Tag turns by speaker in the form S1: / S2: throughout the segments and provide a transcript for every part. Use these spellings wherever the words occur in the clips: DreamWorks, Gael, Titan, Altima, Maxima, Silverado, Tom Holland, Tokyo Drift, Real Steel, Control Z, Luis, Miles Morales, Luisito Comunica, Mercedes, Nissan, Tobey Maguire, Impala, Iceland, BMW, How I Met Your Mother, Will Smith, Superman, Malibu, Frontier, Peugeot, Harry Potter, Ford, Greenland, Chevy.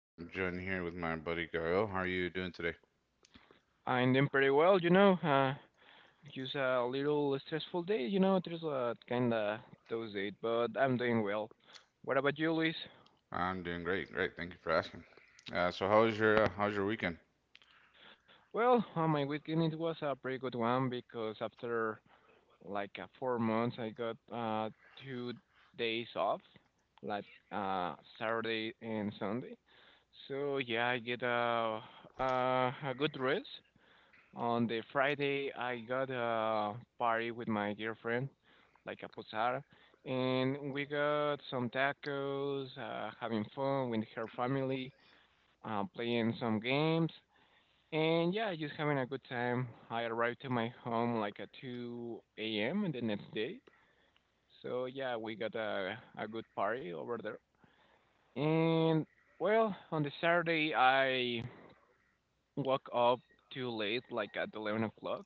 S1: I'm John here with my buddy Gael. How are you doing today?
S2: I'm doing pretty well, you know. Just a little stressful day, you know. There's a kinda those it, but I'm doing well. What about you, Luis?
S1: I'm doing great, great. Thank you for asking. So how was your how's your weekend?
S2: Well, my weekend it was a pretty good one because after 4 months, I got 2 days off, like Saturday and Sunday. So yeah, I get a good rest. On the Friday, I got a party with my girlfriend, like a posada, and we got some tacos, having fun with her family, playing some games, and yeah, just having a good time. I arrived to my home like at 2 a.m. the next day, so yeah, we got a good party over there. And well, on the Saturday, I woke up too late, like at 11 o'clock.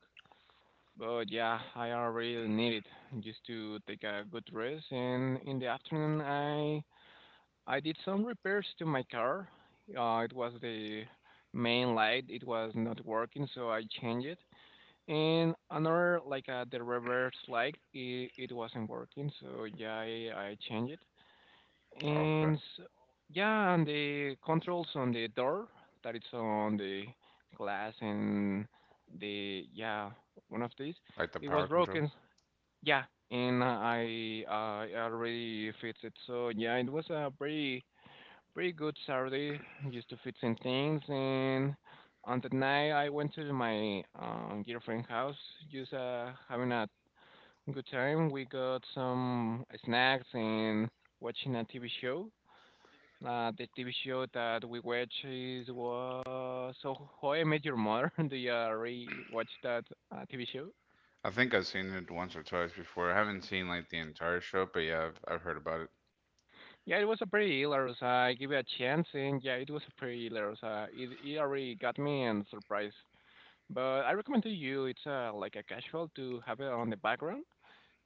S2: But yeah, I already need it just to take a good rest. And in the afternoon, I did some repairs to my car. It was the main light; it was not working, so I changed it. And another, the reverse light, it wasn't working, so yeah, I changed it.
S1: Okay,
S2: And s Yeah, and the controls on the door that it's on the glass and the yeah one of these
S1: like the
S2: it was
S1: power control?
S2: broken, yeah, and I already fixed it. So yeah, it was a pretty good Saturday just to fix some things. And on the night I went to my girlfriend's house, just having a good time. We got some snacks and watching a TV show. The TV show that we watched is was so How I Met Your Mother. Do you already watch that TV show?
S1: I think I've seen it once or twice before. I haven't seen like the entire show, but yeah, I've heard about it.
S2: Yeah, it was a pretty hilarious. I give it a chance, and yeah, it was a pretty hilarious. It already got me and surprise. But I recommend to you, it's like a casual to have it on the background.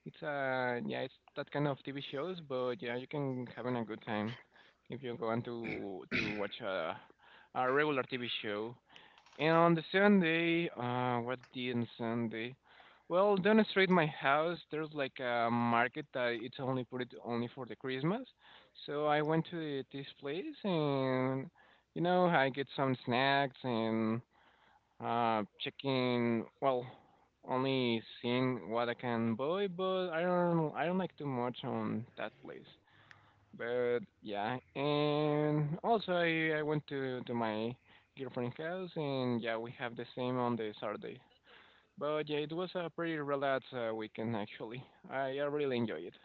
S2: It's that kind of TV shows, but yeah, you can having a good time if you go on to watch a regular TV show. And on the Sunday, what day on Sunday? Well, down the street my house, there's like a market that it's only put it only for the Christmas. So I went to this place and, you know, I get some snacks and checking. Well, only seeing what I can buy, but I don't like too much on that place. But yeah, and also I went to my girlfriend's house, and yeah, we have the same on the Saturday. But yeah, it was a pretty relaxed weekend actually. I really enjoy it.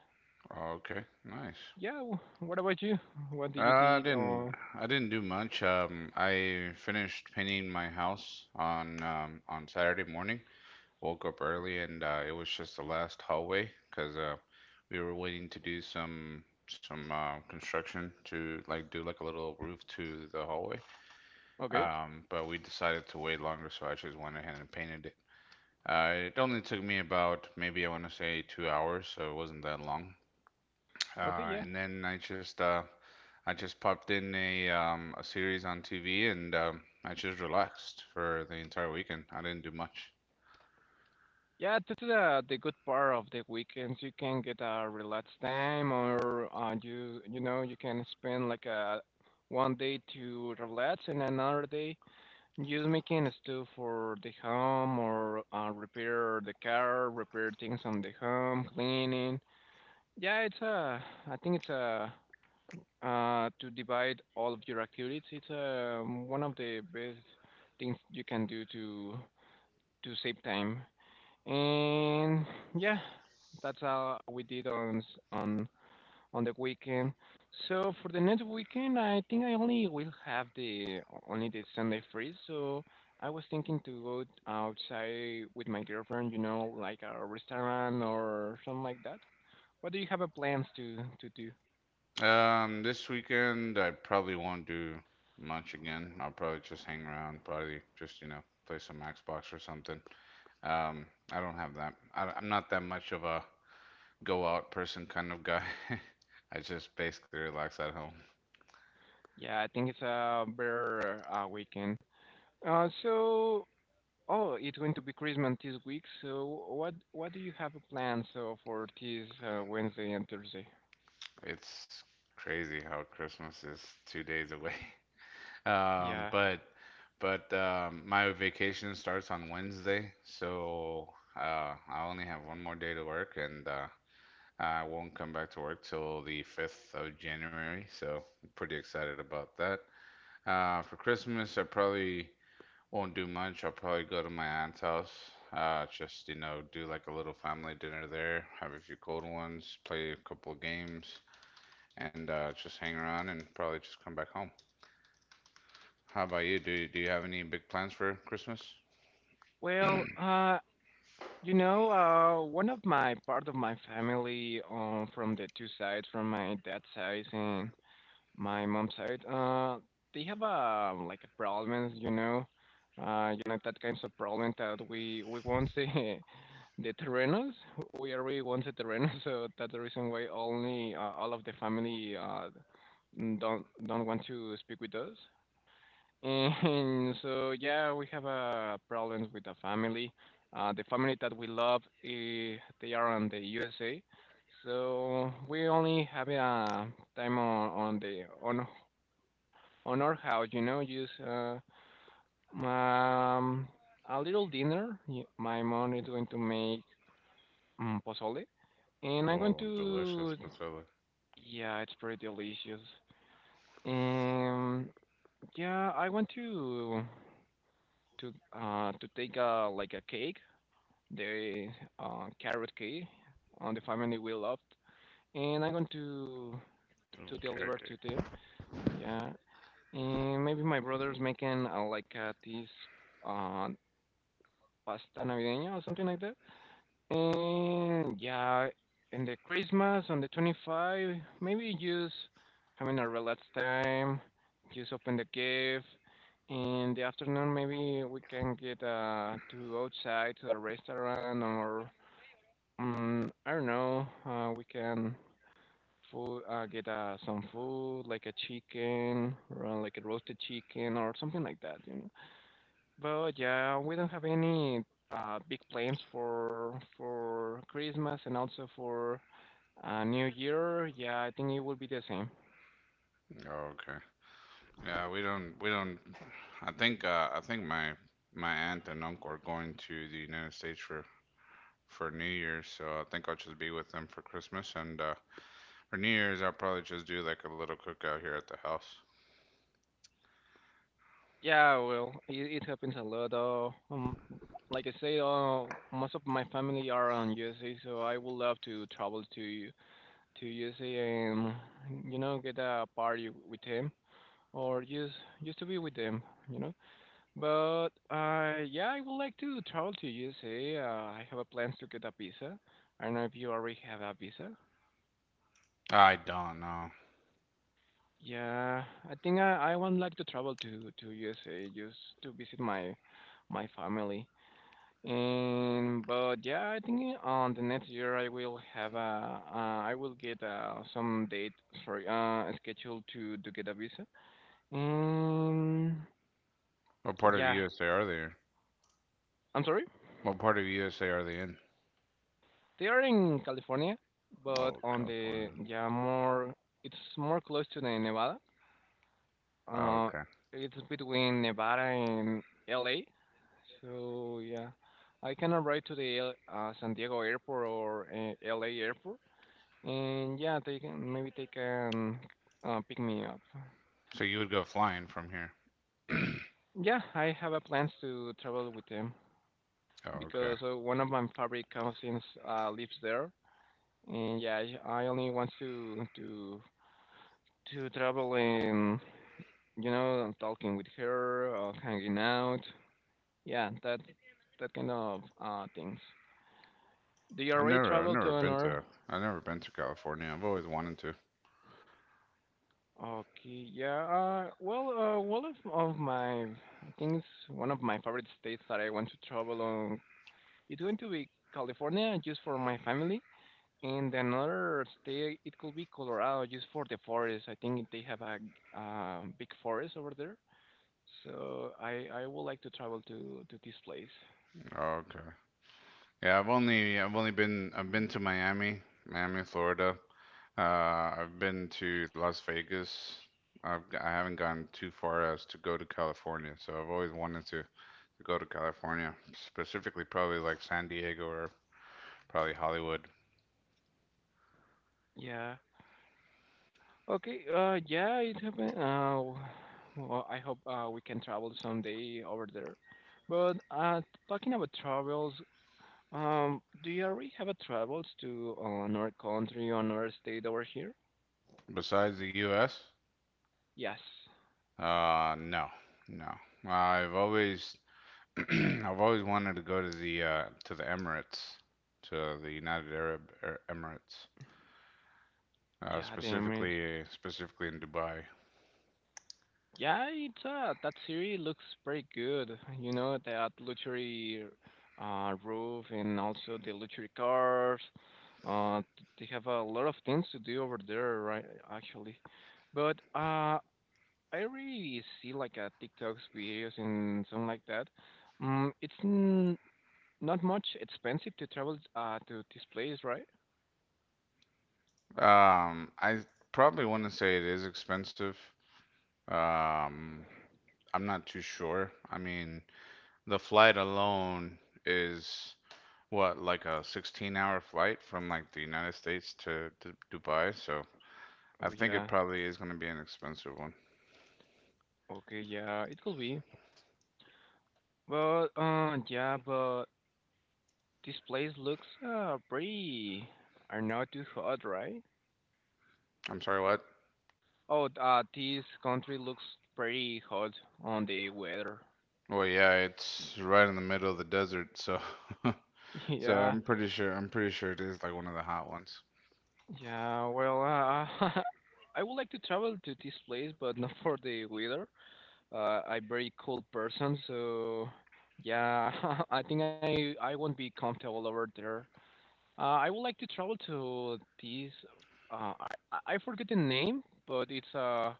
S1: Okay, nice.
S2: Yeah, what about you? What did you
S1: Uh, I
S2: did?
S1: didn't I didn't do much. I finished painting my house on Saturday morning. Woke up early and it was just the last hallway because we were waiting to do some construction to like do like a little roof to the hallway.
S2: Okay,
S1: But we decided to wait longer, so I just went ahead and painted it. It only took me about, maybe I want to say, 2 hours, so it wasn't that long.
S2: okay,
S1: Uh,
S2: yeah.
S1: and then I just uh, I just popped in a series on TV, and I just relaxed for the entire weekend. I didn't do much.
S2: Yeah, this is the good part of the weekends. You can get a relaxed time, or you you know you can spend like a one day to relax and another day just making stuff for the home or repair the car, repair things on the home, cleaning. Yeah, it's a. I think it's a to divide all of your activities. It's one of the best things you can do to save time. And yeah, that's how we did on on the weekend. So for the next weekend, I think I only will have the only the Sunday free. So I was thinking to go outside with my girlfriend, you know, like a restaurant or something like that. What do you have a plans to do?
S1: This weekend I probably won't do much again. I'll probably just hang around, probably just, you know, play some Xbox or something. Um, I don't have that. I'm not that much of a go out person kind of guy. I just basically relax at home.
S2: Yeah, I think it's a better weekend. Uh, so oh, it's going to be Christmas this week. So what do you have a plan so for this Wednesday and Thursday?
S1: It's crazy how Christmas is 2 days away. Um,
S2: Yeah.
S1: but but my vacation starts on Wednesday, so I only have one more day to work, and I won't come back to work till the 5th of January, so I'm pretty excited about that. For Christmas, I probably won't do much. I'll probably go to my aunt's house. Just, you know, do like a little family dinner there, have a few cold ones, play a couple of games, and just hang around and probably just come back home. How about you? Do you have any big plans for Christmas?
S2: Well, you know, one of my part of my family, from the 2 sides, from my dad's side and my mom's side, they have a like a problems, you know that kinds of problem that we want the the terrenos, we already want the terrenos, so that's the reason why only all of the family don't want to speak with us. And so yeah, we have problems with the family. The family that we love, eh, they are on the USA, so we only have a time on the on our house. You know, just um, a little dinner. My mom is going to make pozole, and I'm going
S1: Oh, delicious,
S2: to
S1: Priscilla.
S2: yeah, it's pretty delicious. And yeah, I want to to take a like a cake the carrot cake on the family we loved, and I'm going
S1: Oh,
S2: to
S1: carrot
S2: deliver to
S1: cake.
S2: them. Yeah, and maybe my brother's making this uh, pasta navideña or something like that. And yeah, in the Christmas on the 25, maybe just having a relaxed time, just open the gift. In the afternoon, maybe we can get to outside to a restaurant or mm, I don't know. We can food, get some food like a chicken, or like a roasted chicken or something like that, you know. But yeah, we don't have any big plans for Christmas and also for New Year. Yeah, I think it will be the same.
S1: Oh, okay. Yeah, we don't I think my aunt and uncle are going to the United States for New Year's, so I think I'll just be with them for Christmas, and for New Year's I'll probably just do like a little cookout here at the house.
S2: Yeah, well, it happens a lot. Like I say, most of my family are on USA, so I would love to travel to just you know get a party with him or just to be with them, you know. But yeah, I would like to travel to USA. I have a plans to get a visa. I don't know if you already have a visa.
S1: I don't know.
S2: Yeah, I think I would like to travel to USA just to visit my family. And but yeah, I think on the next year I will have a I will get some date sorry schedule to get a visa. Mm,
S1: What part of
S2: yeah,
S1: USA are they in?
S2: I'm sorry.
S1: What part of USA are they in?
S2: They are in California, but
S1: Oh,
S2: on the
S1: California.
S2: yeah more it's more close to the Nevada.
S1: Oh,
S2: Uh,
S1: okay.
S2: it's between Nevada and LA. So yeah, I can arrive to the San Diego airport or LA airport, and yeah, they can pick me up.
S1: So you would go flying from here.
S2: Yeah, I have a plans to travel with them
S1: Oh, okay.
S2: because one of my favorite cousins lives there. And yeah, I only want to travel and you know talking with her, hanging out. Yeah, that kind of things. Do you
S1: I've
S2: already
S1: never I've
S2: travel
S1: never
S2: to
S1: been
S2: another?
S1: to I've never been to California. I've always wanted to.
S2: Okay, yeah. Well, one of my I think it's one of my favorite states that I want to travel on. It's going to be California just for my family, and another state it could be Colorado just for the forest. I think they have a big forest over there. So I would like to travel to this place.
S1: Oh, okay. Yeah, I've been to Miami, Miami, Florida. I've been to Las Vegas. I haven't gone too far as to go to California, so I've always wanted to go to California, specifically probably like San Diego or probably Hollywood.
S2: Yeah. Okay. Yeah. It happened. Well, I hope we can travel someday over there. But talking about travels, do you already have a travels to another country or another state over here?
S1: Besides the U.S.,
S2: Yes.
S1: no, no. I've always I've always wanted to go to the Emirates, to the United Arab Emirates,
S2: Yeah. Damn it.
S1: specifically in Dubai.
S2: Yeah, it's that series looks pretty good. You know, that luxury roof and also the luxury cars. They have a lot of things to do over there, right actually. But I really see like TikToks videos and something like that. It's n not much expensive to travel to this place, right?
S1: I probably wouldn't say it is expensive. Um, I'm not too sure. I mean, the flight alone is what, like a 16-hour flight from like the United States to Dubai, so
S2: Oh
S1: I think it
S2: yeah.
S1: probably is going to be an expensive one.
S2: Okay, yeah, it could be. Well, yeah, but this place looks pretty. Are not too hot, right?
S1: I'm sorry, what?
S2: Oh, this country looks pretty hot on the weather.
S1: Well, yeah, it's right in the middle of the desert, so so
S2: Yeah,
S1: I'm pretty sure it is like one of the hot ones.
S2: yeah. Well, I would like to travel to this place, but not for the weather. I'm very cold person, so yeah, I think I won't be comfortable over there. I would like to travel to this. I forget the name, but it's a.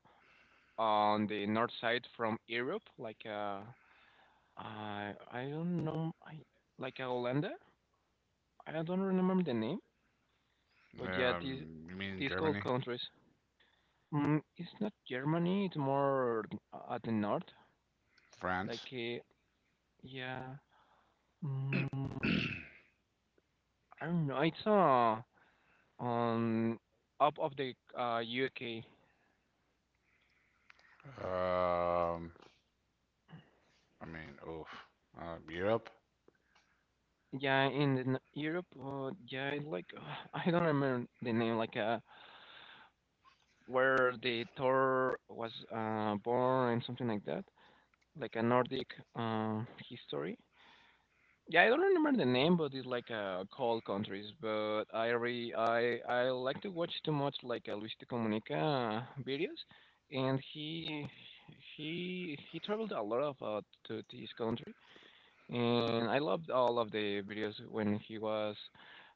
S2: On the north side from Europe, like I don't know, I like Holanda. I don't remember the name, but yeah,
S1: Yeah. You mean
S2: these cold
S1: Germany?
S2: countries. Mm, it's not Germany. It's more at the north.
S1: France?
S2: Like uh, yeah, mm, I don't know. It's on up of the UK.
S1: Um, I mean, oof. Europe.
S2: Yeah, in the, Europe. Yeah, it's like I don't remember the name. Like where the Thor was born and something like that, like a Nordic uh, history. Yeah, I don't remember the name, but it's like cold countries. But I re I like to watch too much, like, Luisito Comunica videos, and he traveled a lot of, to this country, and I loved all of the videos when he was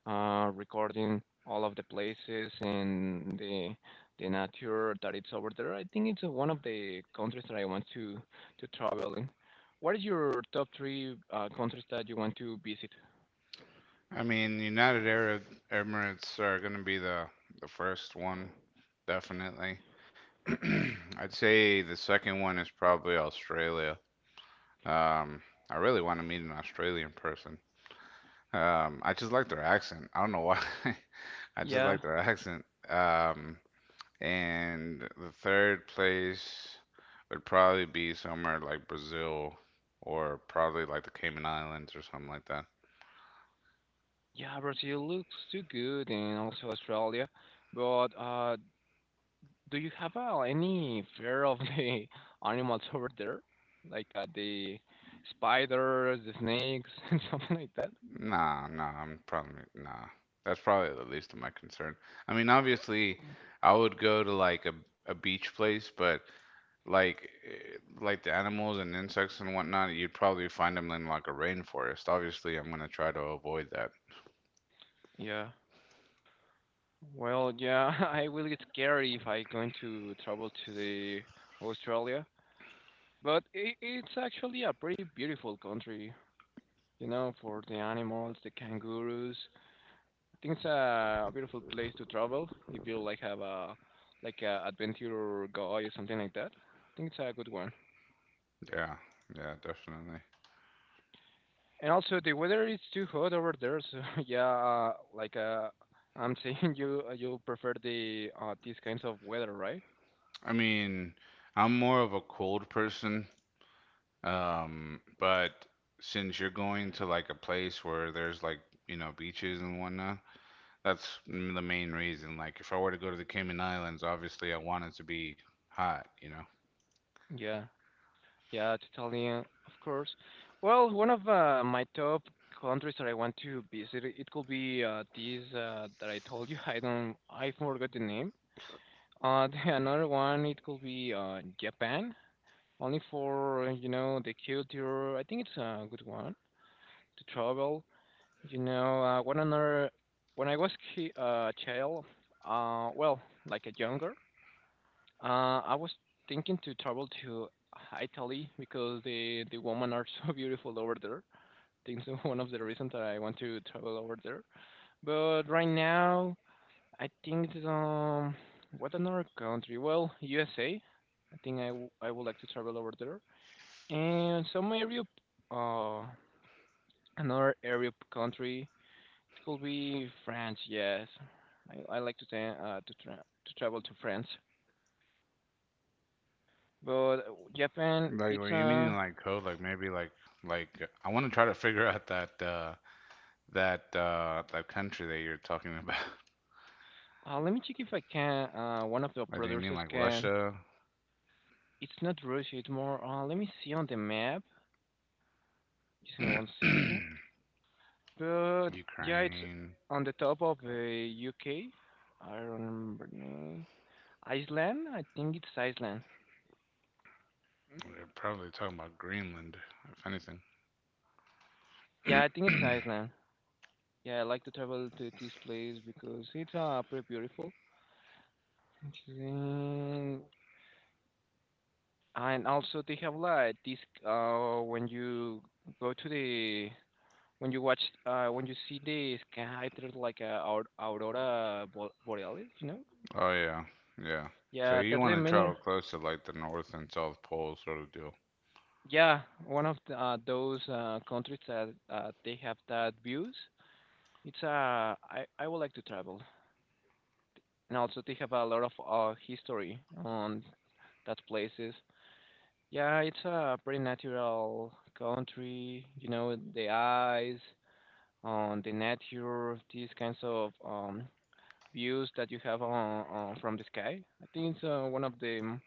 S2: recording all of the places and the nature that it's over there. I think it's one of the countries that I want to travel in. What is your top three countries that you want to visit?
S1: I mean, United Arab Emirates are going to be the first one, definitely. I'd say the second one is probably Australia. Um, I really want to meet an Australian person. I just like their accent. I don't know why. I just
S2: Yeah,
S1: like their accent. And the third place would probably be somewhere like Brazil, or probably like the Cayman Islands or something like that.
S2: yeah, Brazil looks too good, and also Australia, but do you have any fear of the animals over there, like, the spiders, the snakes, and something like that?
S1: Nah, nah, I'm probably nah. That's probably the least of my concern. I mean, obviously, I would go to like a beach place, but like the animals and insects and whatnot, you'd probably find them in like a rainforest. Obviously, I'm gonna try to avoid that.
S2: Yeah. Well, yeah, I will get scared if I going to travel to the Australia, but I it's actually a pretty beautiful country, you know, for the animals, the kangaroos. I think it's a beautiful place to travel if you like have a like a adventure guy or something like that. I think it's a good one.
S1: Yeah, yeah, definitely.
S2: And also, the weather is too hot over there, so yeah, like, I'm saying, you you prefer the these kinds of weather, right?
S1: I mean, I'm more of a cold person, but since you're going to like a place where there's like, you know, beaches and whatnot, the main reason. Like, if I were to go to the Cayman Islands, obviously I want it to be hot, you know?
S2: Yeah, yeah, totally, of course. Well, one of my top countries that I want to visit, it could be these that I told you. I don't, I forgot the name. Another one, it could be Japan, only for, you know, the culture. I think it's a good one to travel. You know, one another, when I was child, well, like a younger, I was thinking to travel to Italy because the women are so beautiful over there. Think so, one of the reasons that I want to travel over there. But right now, I think that, what another country? Well, USA. I think I would like to travel over there. And some area, uh, another area country. It will be France, yes. I like to to travel to France, but Japan,
S1: Like, were
S2: it's
S1: you meaning like cold? Like, maybe, like I want to try to figure out that country that you're talking about.
S2: uh, let me check if I can. One of the
S1: Like, do you mean
S2: producers
S1: like
S2: can.
S1: Russia,
S2: It's not Russia. It's more. Let me see on the map. Just give me one second. But yeah, it's
S1: Ukraine?
S2: on the top of
S1: Uh,
S2: the UK. I don't remember the name. Iceland. I think it's Iceland.
S1: We're probably talking about Greenland, if anything.
S2: Yeah, I think it's Iceland. Yeah, I like to travel to this place because it's pretty beautiful. Okay. And also they have like this when you go to the when you watch when you see the sky there's like a aurora borealis, you know?
S1: Oh yeah, yeah. So
S2: Yeah,
S1: you
S2: that's
S1: want
S2: the
S1: to travel
S2: main
S1: close to like the North and South Pole sort of deal.
S2: yeah, one of the, those countries that they have that views. It's I would like to travel. And also they have a lot of history on that places. Yeah, it's a pretty natural country, you know, the ice. On the net, here these kinds of views that you have on, from the sky. I think it's one of the um,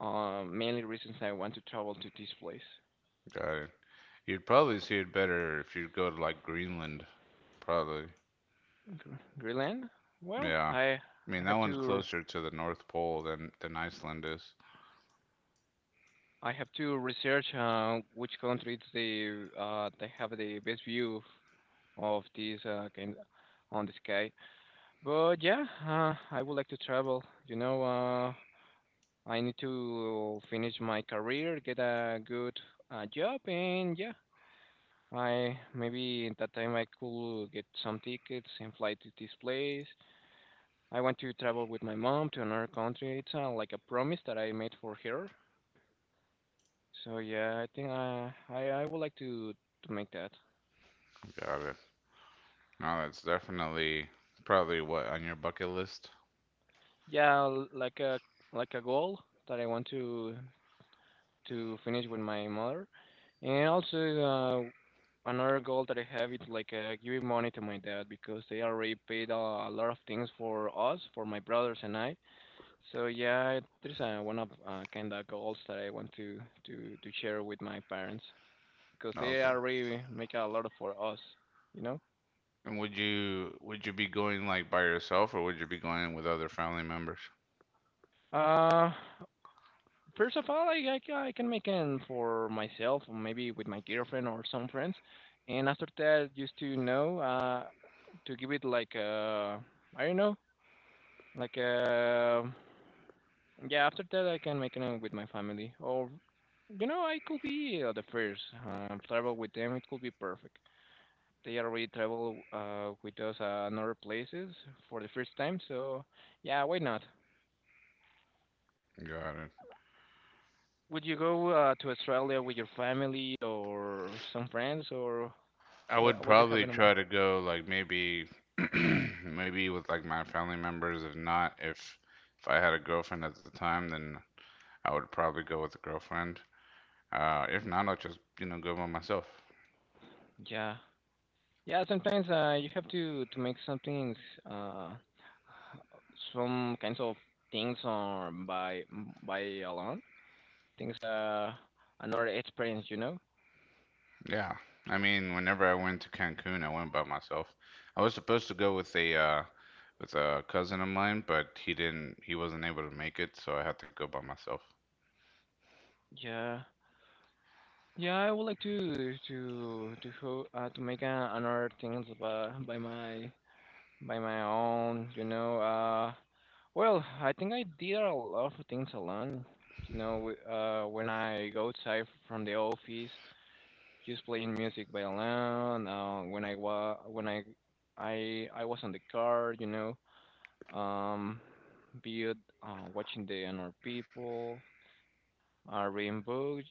S2: uh, mainly reasons I want to travel to this place.
S1: Got it. You'd probably see it better if you go to like Greenland, probably.
S2: Greenland. Well,
S1: Yeah. I mean,
S2: I
S1: that
S2: have
S1: one's
S2: to
S1: closer to the North Pole than Iceland is.
S2: I have to research which countries they have the best view of this kind on the sky. But yeah, I would like to travel. You know, I need to finish my career, get a good job, and yeah, I maybe in that time I could get some tickets and fly to this place. I want to travel with my mom to another country. It's like a promise that I made for her. So yeah, I think I would like to make that.
S1: Got it. No, that's definitely probably what on your bucket list.
S2: Yeah, l- like a goal that I want to finish with my mother. And also, another goal that I have is like, giving money to my dad because they already paid a lot of things for us, for my brothers and I. So yeah, there's one of kind of goals that I want to to share with my parents because they
S1: Okay.
S2: already make a lot for us, you know.
S1: And would you be going like by yourself, or would you be going with other family members?
S2: Uh, First of all, I can make them for myself, or maybe with my girlfriend or some friends. And after that, just to know, to give it like a, I don't know, like yeah. After that, I can make them with my family, or you know, I could be the first travel with them. It could be perfect. They already travel with us in other places for the first time, so yeah, why not?
S1: Got it.
S2: Would you go to Australia with your family or some friends, or
S1: I would
S2: what? What you have
S1: probably
S2: in mind?
S1: try to go like maybe maybe with like my family members. If not, If I had a girlfriend at the time, then I would probably go with a girlfriend. If not, I'll just, you know, go by myself.
S2: Yeah, yeah. Sometimes you have to make some things, uh, some kinds of things on by alone. Things another experience, you know.
S1: Yeah. I mean, whenever I went to Cancun, I went by myself. I was supposed to go with a cousin of mine, but he didn't. He wasn't able to make it, so I had to go by myself.
S2: Yeah, yeah. I would like to to make another things by my own, you know. Well, I think I did a lot of things alone. You know, w- when I go outside from the office, just playing music by alone. When I was on the car, you know, um, be it watching the other people, reading books.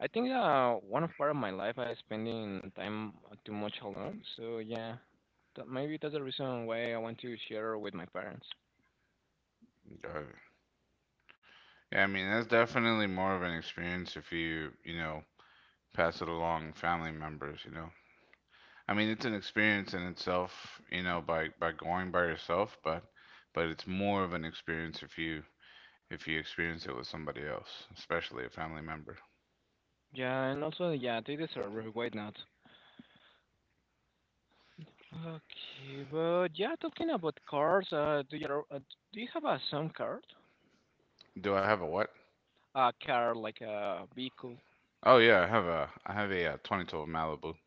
S2: I think one of part of my life I spending time too much alone. So yeah, that, maybe that's the reason why I want to share with my parents.
S1: Uh, yeah, I mean, that's definitely more of an experience if you, you know, pass it along family members, you know. I mean, it's an experience in itself, you know, by going by yourself, but it's more of an experience if you experience it with somebody else, especially a family member.
S2: Yeah, and also, yeah, they deserve it. Why not? Okay, but yeah, talking about cars, do you have a some car?
S1: Do I have a what?
S2: A car, like a vehicle.
S1: Oh yeah, I have a, uh, 2012 Malibu.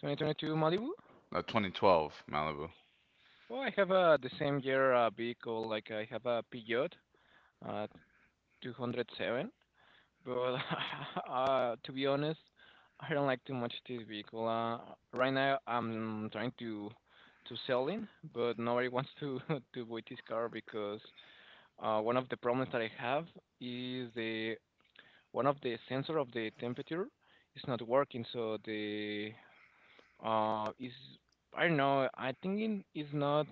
S2: 2022 Malibu?
S1: A 2012 Malibu.
S2: Oh, I have the same year vehicle. Like, I have a Peugeot, uh, 207. But to be honest, I don't like too much this vehicle. Right now I'm trying to sell it, but nobody wants to to buy this car because one of the problems that I have is the one of the sensor of the temperature is not working, so the is I don't know, I think it is not,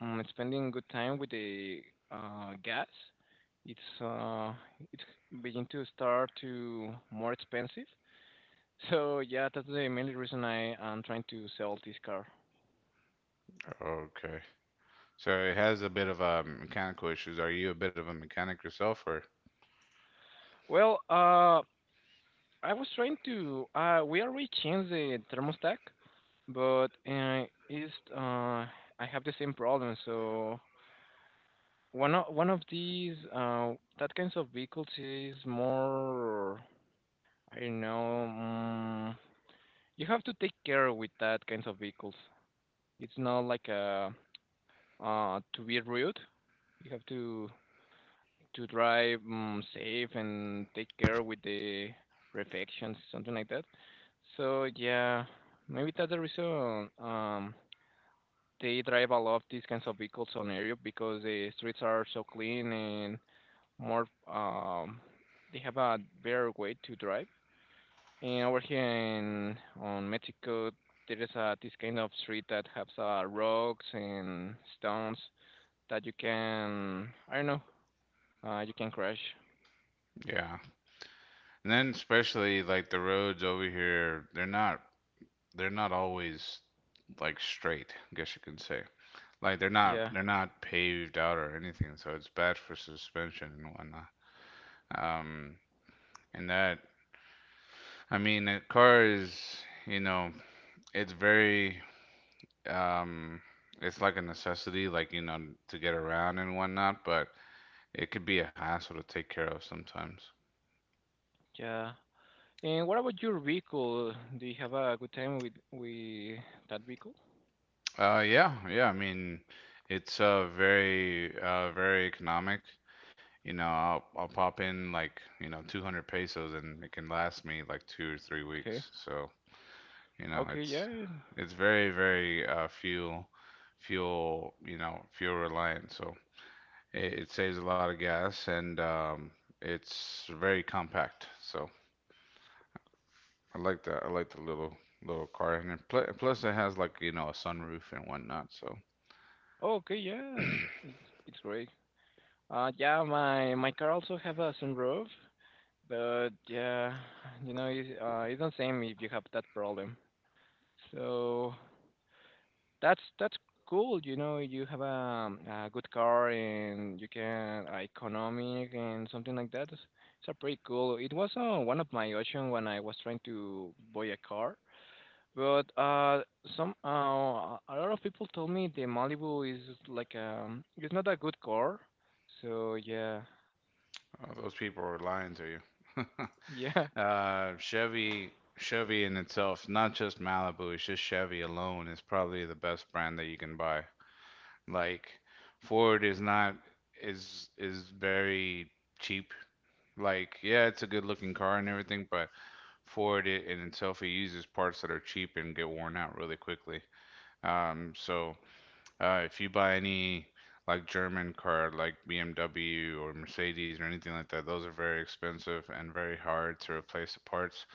S2: spending good time with the gas. It's it's begin to start to more expensive. So yeah, that's the main reason I am trying to sell this car.
S1: Okay. So it has a bit of mechanical issues. Are you a bit of a mechanic yourself, or?
S2: Well, uh, I was trying to uh, we already changed the thermostat, but it's I have the same problem. So one of these that kinds of vehicles is more, I don't know. You have to take care with that kinds of vehicles. It's not like a to be rude. You have to drive, safe and take care with the reflections, something like that. So yeah, maybe that's the reason they drive a lot of these kinds of vehicles on area because the streets are so clean and more, um, they have a better way to drive. And over here in on Mexico, there is a this kind of street that has rocks and stones that you can I don't know you can crash.
S1: Yeah. And then especially like the roads over here, they're not always like straight, I guess you can say. Like
S2: Yeah,
S1: they're not paved out or anything, so it's bad for suspension and whatnot. Um, and that, I mean, a car is, you know, it's very, um it's like a necessity, like you know, to get around and whatnot, but it could be a hassle to take care of sometimes.
S2: yeah. And what about your vehicle? Do you have a good time with that vehicle?
S1: Yeah, yeah, I mean, it's very very economic, you know. I'll pop in like, you know, 200 pesos, and it can last me like two or three
S2: Okay.
S1: weeks so you know,
S2: Okay. Yeah.
S1: it's very very fuel you know fuel reliant, so it saves a lot of gas, and it's very compact, so I like that. I like the little car, and it, plus it has like, you know, a sunroof and whatnot. So
S2: Okay.
S1: uh,
S2: Yeah. It's, it's great. Yeah. My my car also have a sunroof. But yeah, you know, it's not same if you have that problem. So that's cool. You know, you have a good car and you can economic and something like that. It's a pretty cool. It was one of my options when I was trying to buy a car. But some a lot of people told me the Malibu is like, it's not a good car. So yeah,
S1: those people are lying to you.
S2: yeah.
S1: Chevy, Chevy in itself, not just Malibu, it's just Chevy alone is probably the best brand that you can buy. Like Ford is not, is very cheap. Like yeah, it's a good looking car and everything, but Ford, it in itself, it uses parts that are cheap and get worn out really quickly. Um, so if you buy any like German car, like BMW or Mercedes or anything like that, those are very expensive and very hard to replace the parts.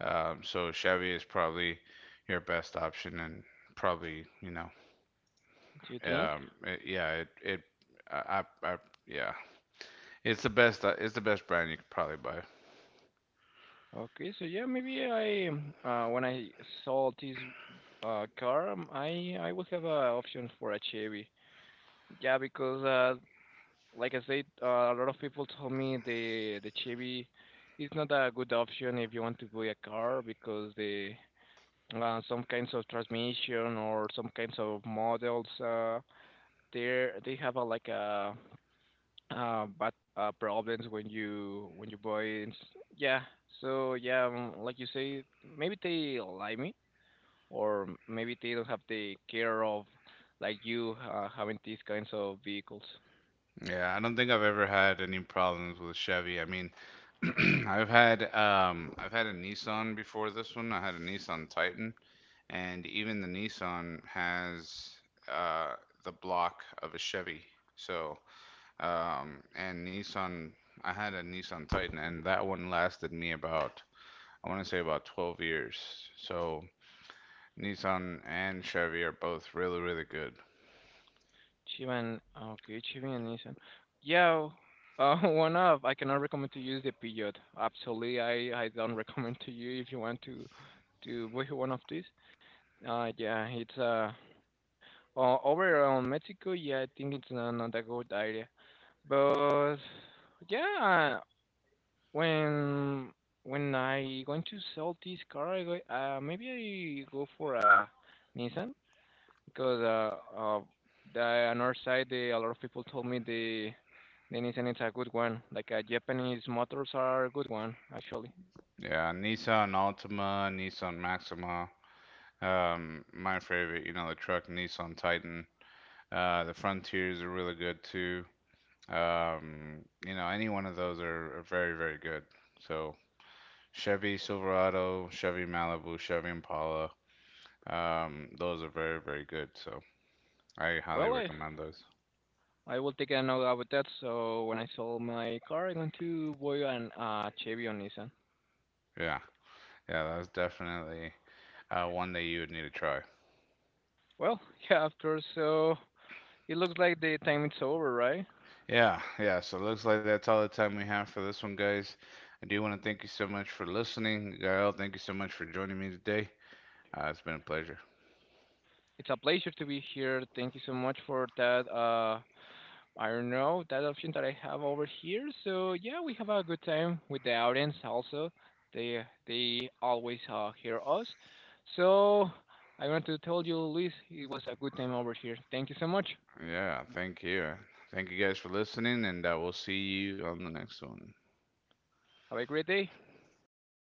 S1: So Chevy is probably your best option, and probably, you know,
S2: Do you think?
S1: it, yeah, it, I- yeah, it's the best brand you could probably buy.
S2: Okay, so yeah, maybe I when I saw this car, I would have a option for a Chevy. Yeah, because like I said, a lot of people told me the Chevy is not a good option if you want to buy a car because the some kinds of transmission or some kinds of models they have a like a but problems when you boys yeah so yeah like you say maybe they like me or maybe they don't have the care of like you having these kinds of vehicles.
S1: Yeah, I don't think I've ever had any problems with Chevy. I mean, I've had a Nissan before this one. I had a Nissan Titan, and even the Nissan has uh, the block of a Chevy. So, and Nissan, I had a Nissan Titan, and that one lasted me about, I want to say about, 12 years. So, Nissan and Chevy are both really, really good.
S2: Chiban, okay, Chiban and Nissan yeah one of I cannot recommend to use the Peugeot, absolutely. I don't recommend to you if you want to buy one of these yeah it's o- over on Mexico yeah I think it's not a good idea. But yeah, when when I going to sell this car, I go, maybe I go for a Nissan because the another side, they, a lot of people told me the Nissan is a good one. Like, Japanese motors are a good one actually.
S1: Yeah, Nissan Altima, Nissan Maxima. My favorite, you know, the truck Nissan Titan. The Frontiers are really good too. You know, any one of those are very, very good. So Chevy Silverado, Chevy Malibu, Chevy Impala, those are very, very good. So I highly
S2: Well,
S1: recommend those.
S2: I will take a note about that. So when I sell my car, I'm going to buy an Chevy or Nissan.
S1: Yeah, yeah, that's definitely one that you would need to try.
S2: Well, yeah, of course. So it looks like the time it's over, right?
S1: Yeah, yeah. So looks like that's all the time we have for this one, guys. I do want to thank you so much for listening, Gael. Thank you so much for joining me today. It's been a pleasure.
S2: It's a pleasure to be here. Thank you so much for that. I don't know that option that I have over here. So yeah, we have a good time with the audience. Also, they always hear us. So I want to tell you, Luis, it was a good time over here. Thank you so much.
S1: Yeah, thank you. Thank you guys for listening, and we'll see you on the next one.
S2: Have a great day. Bye bye.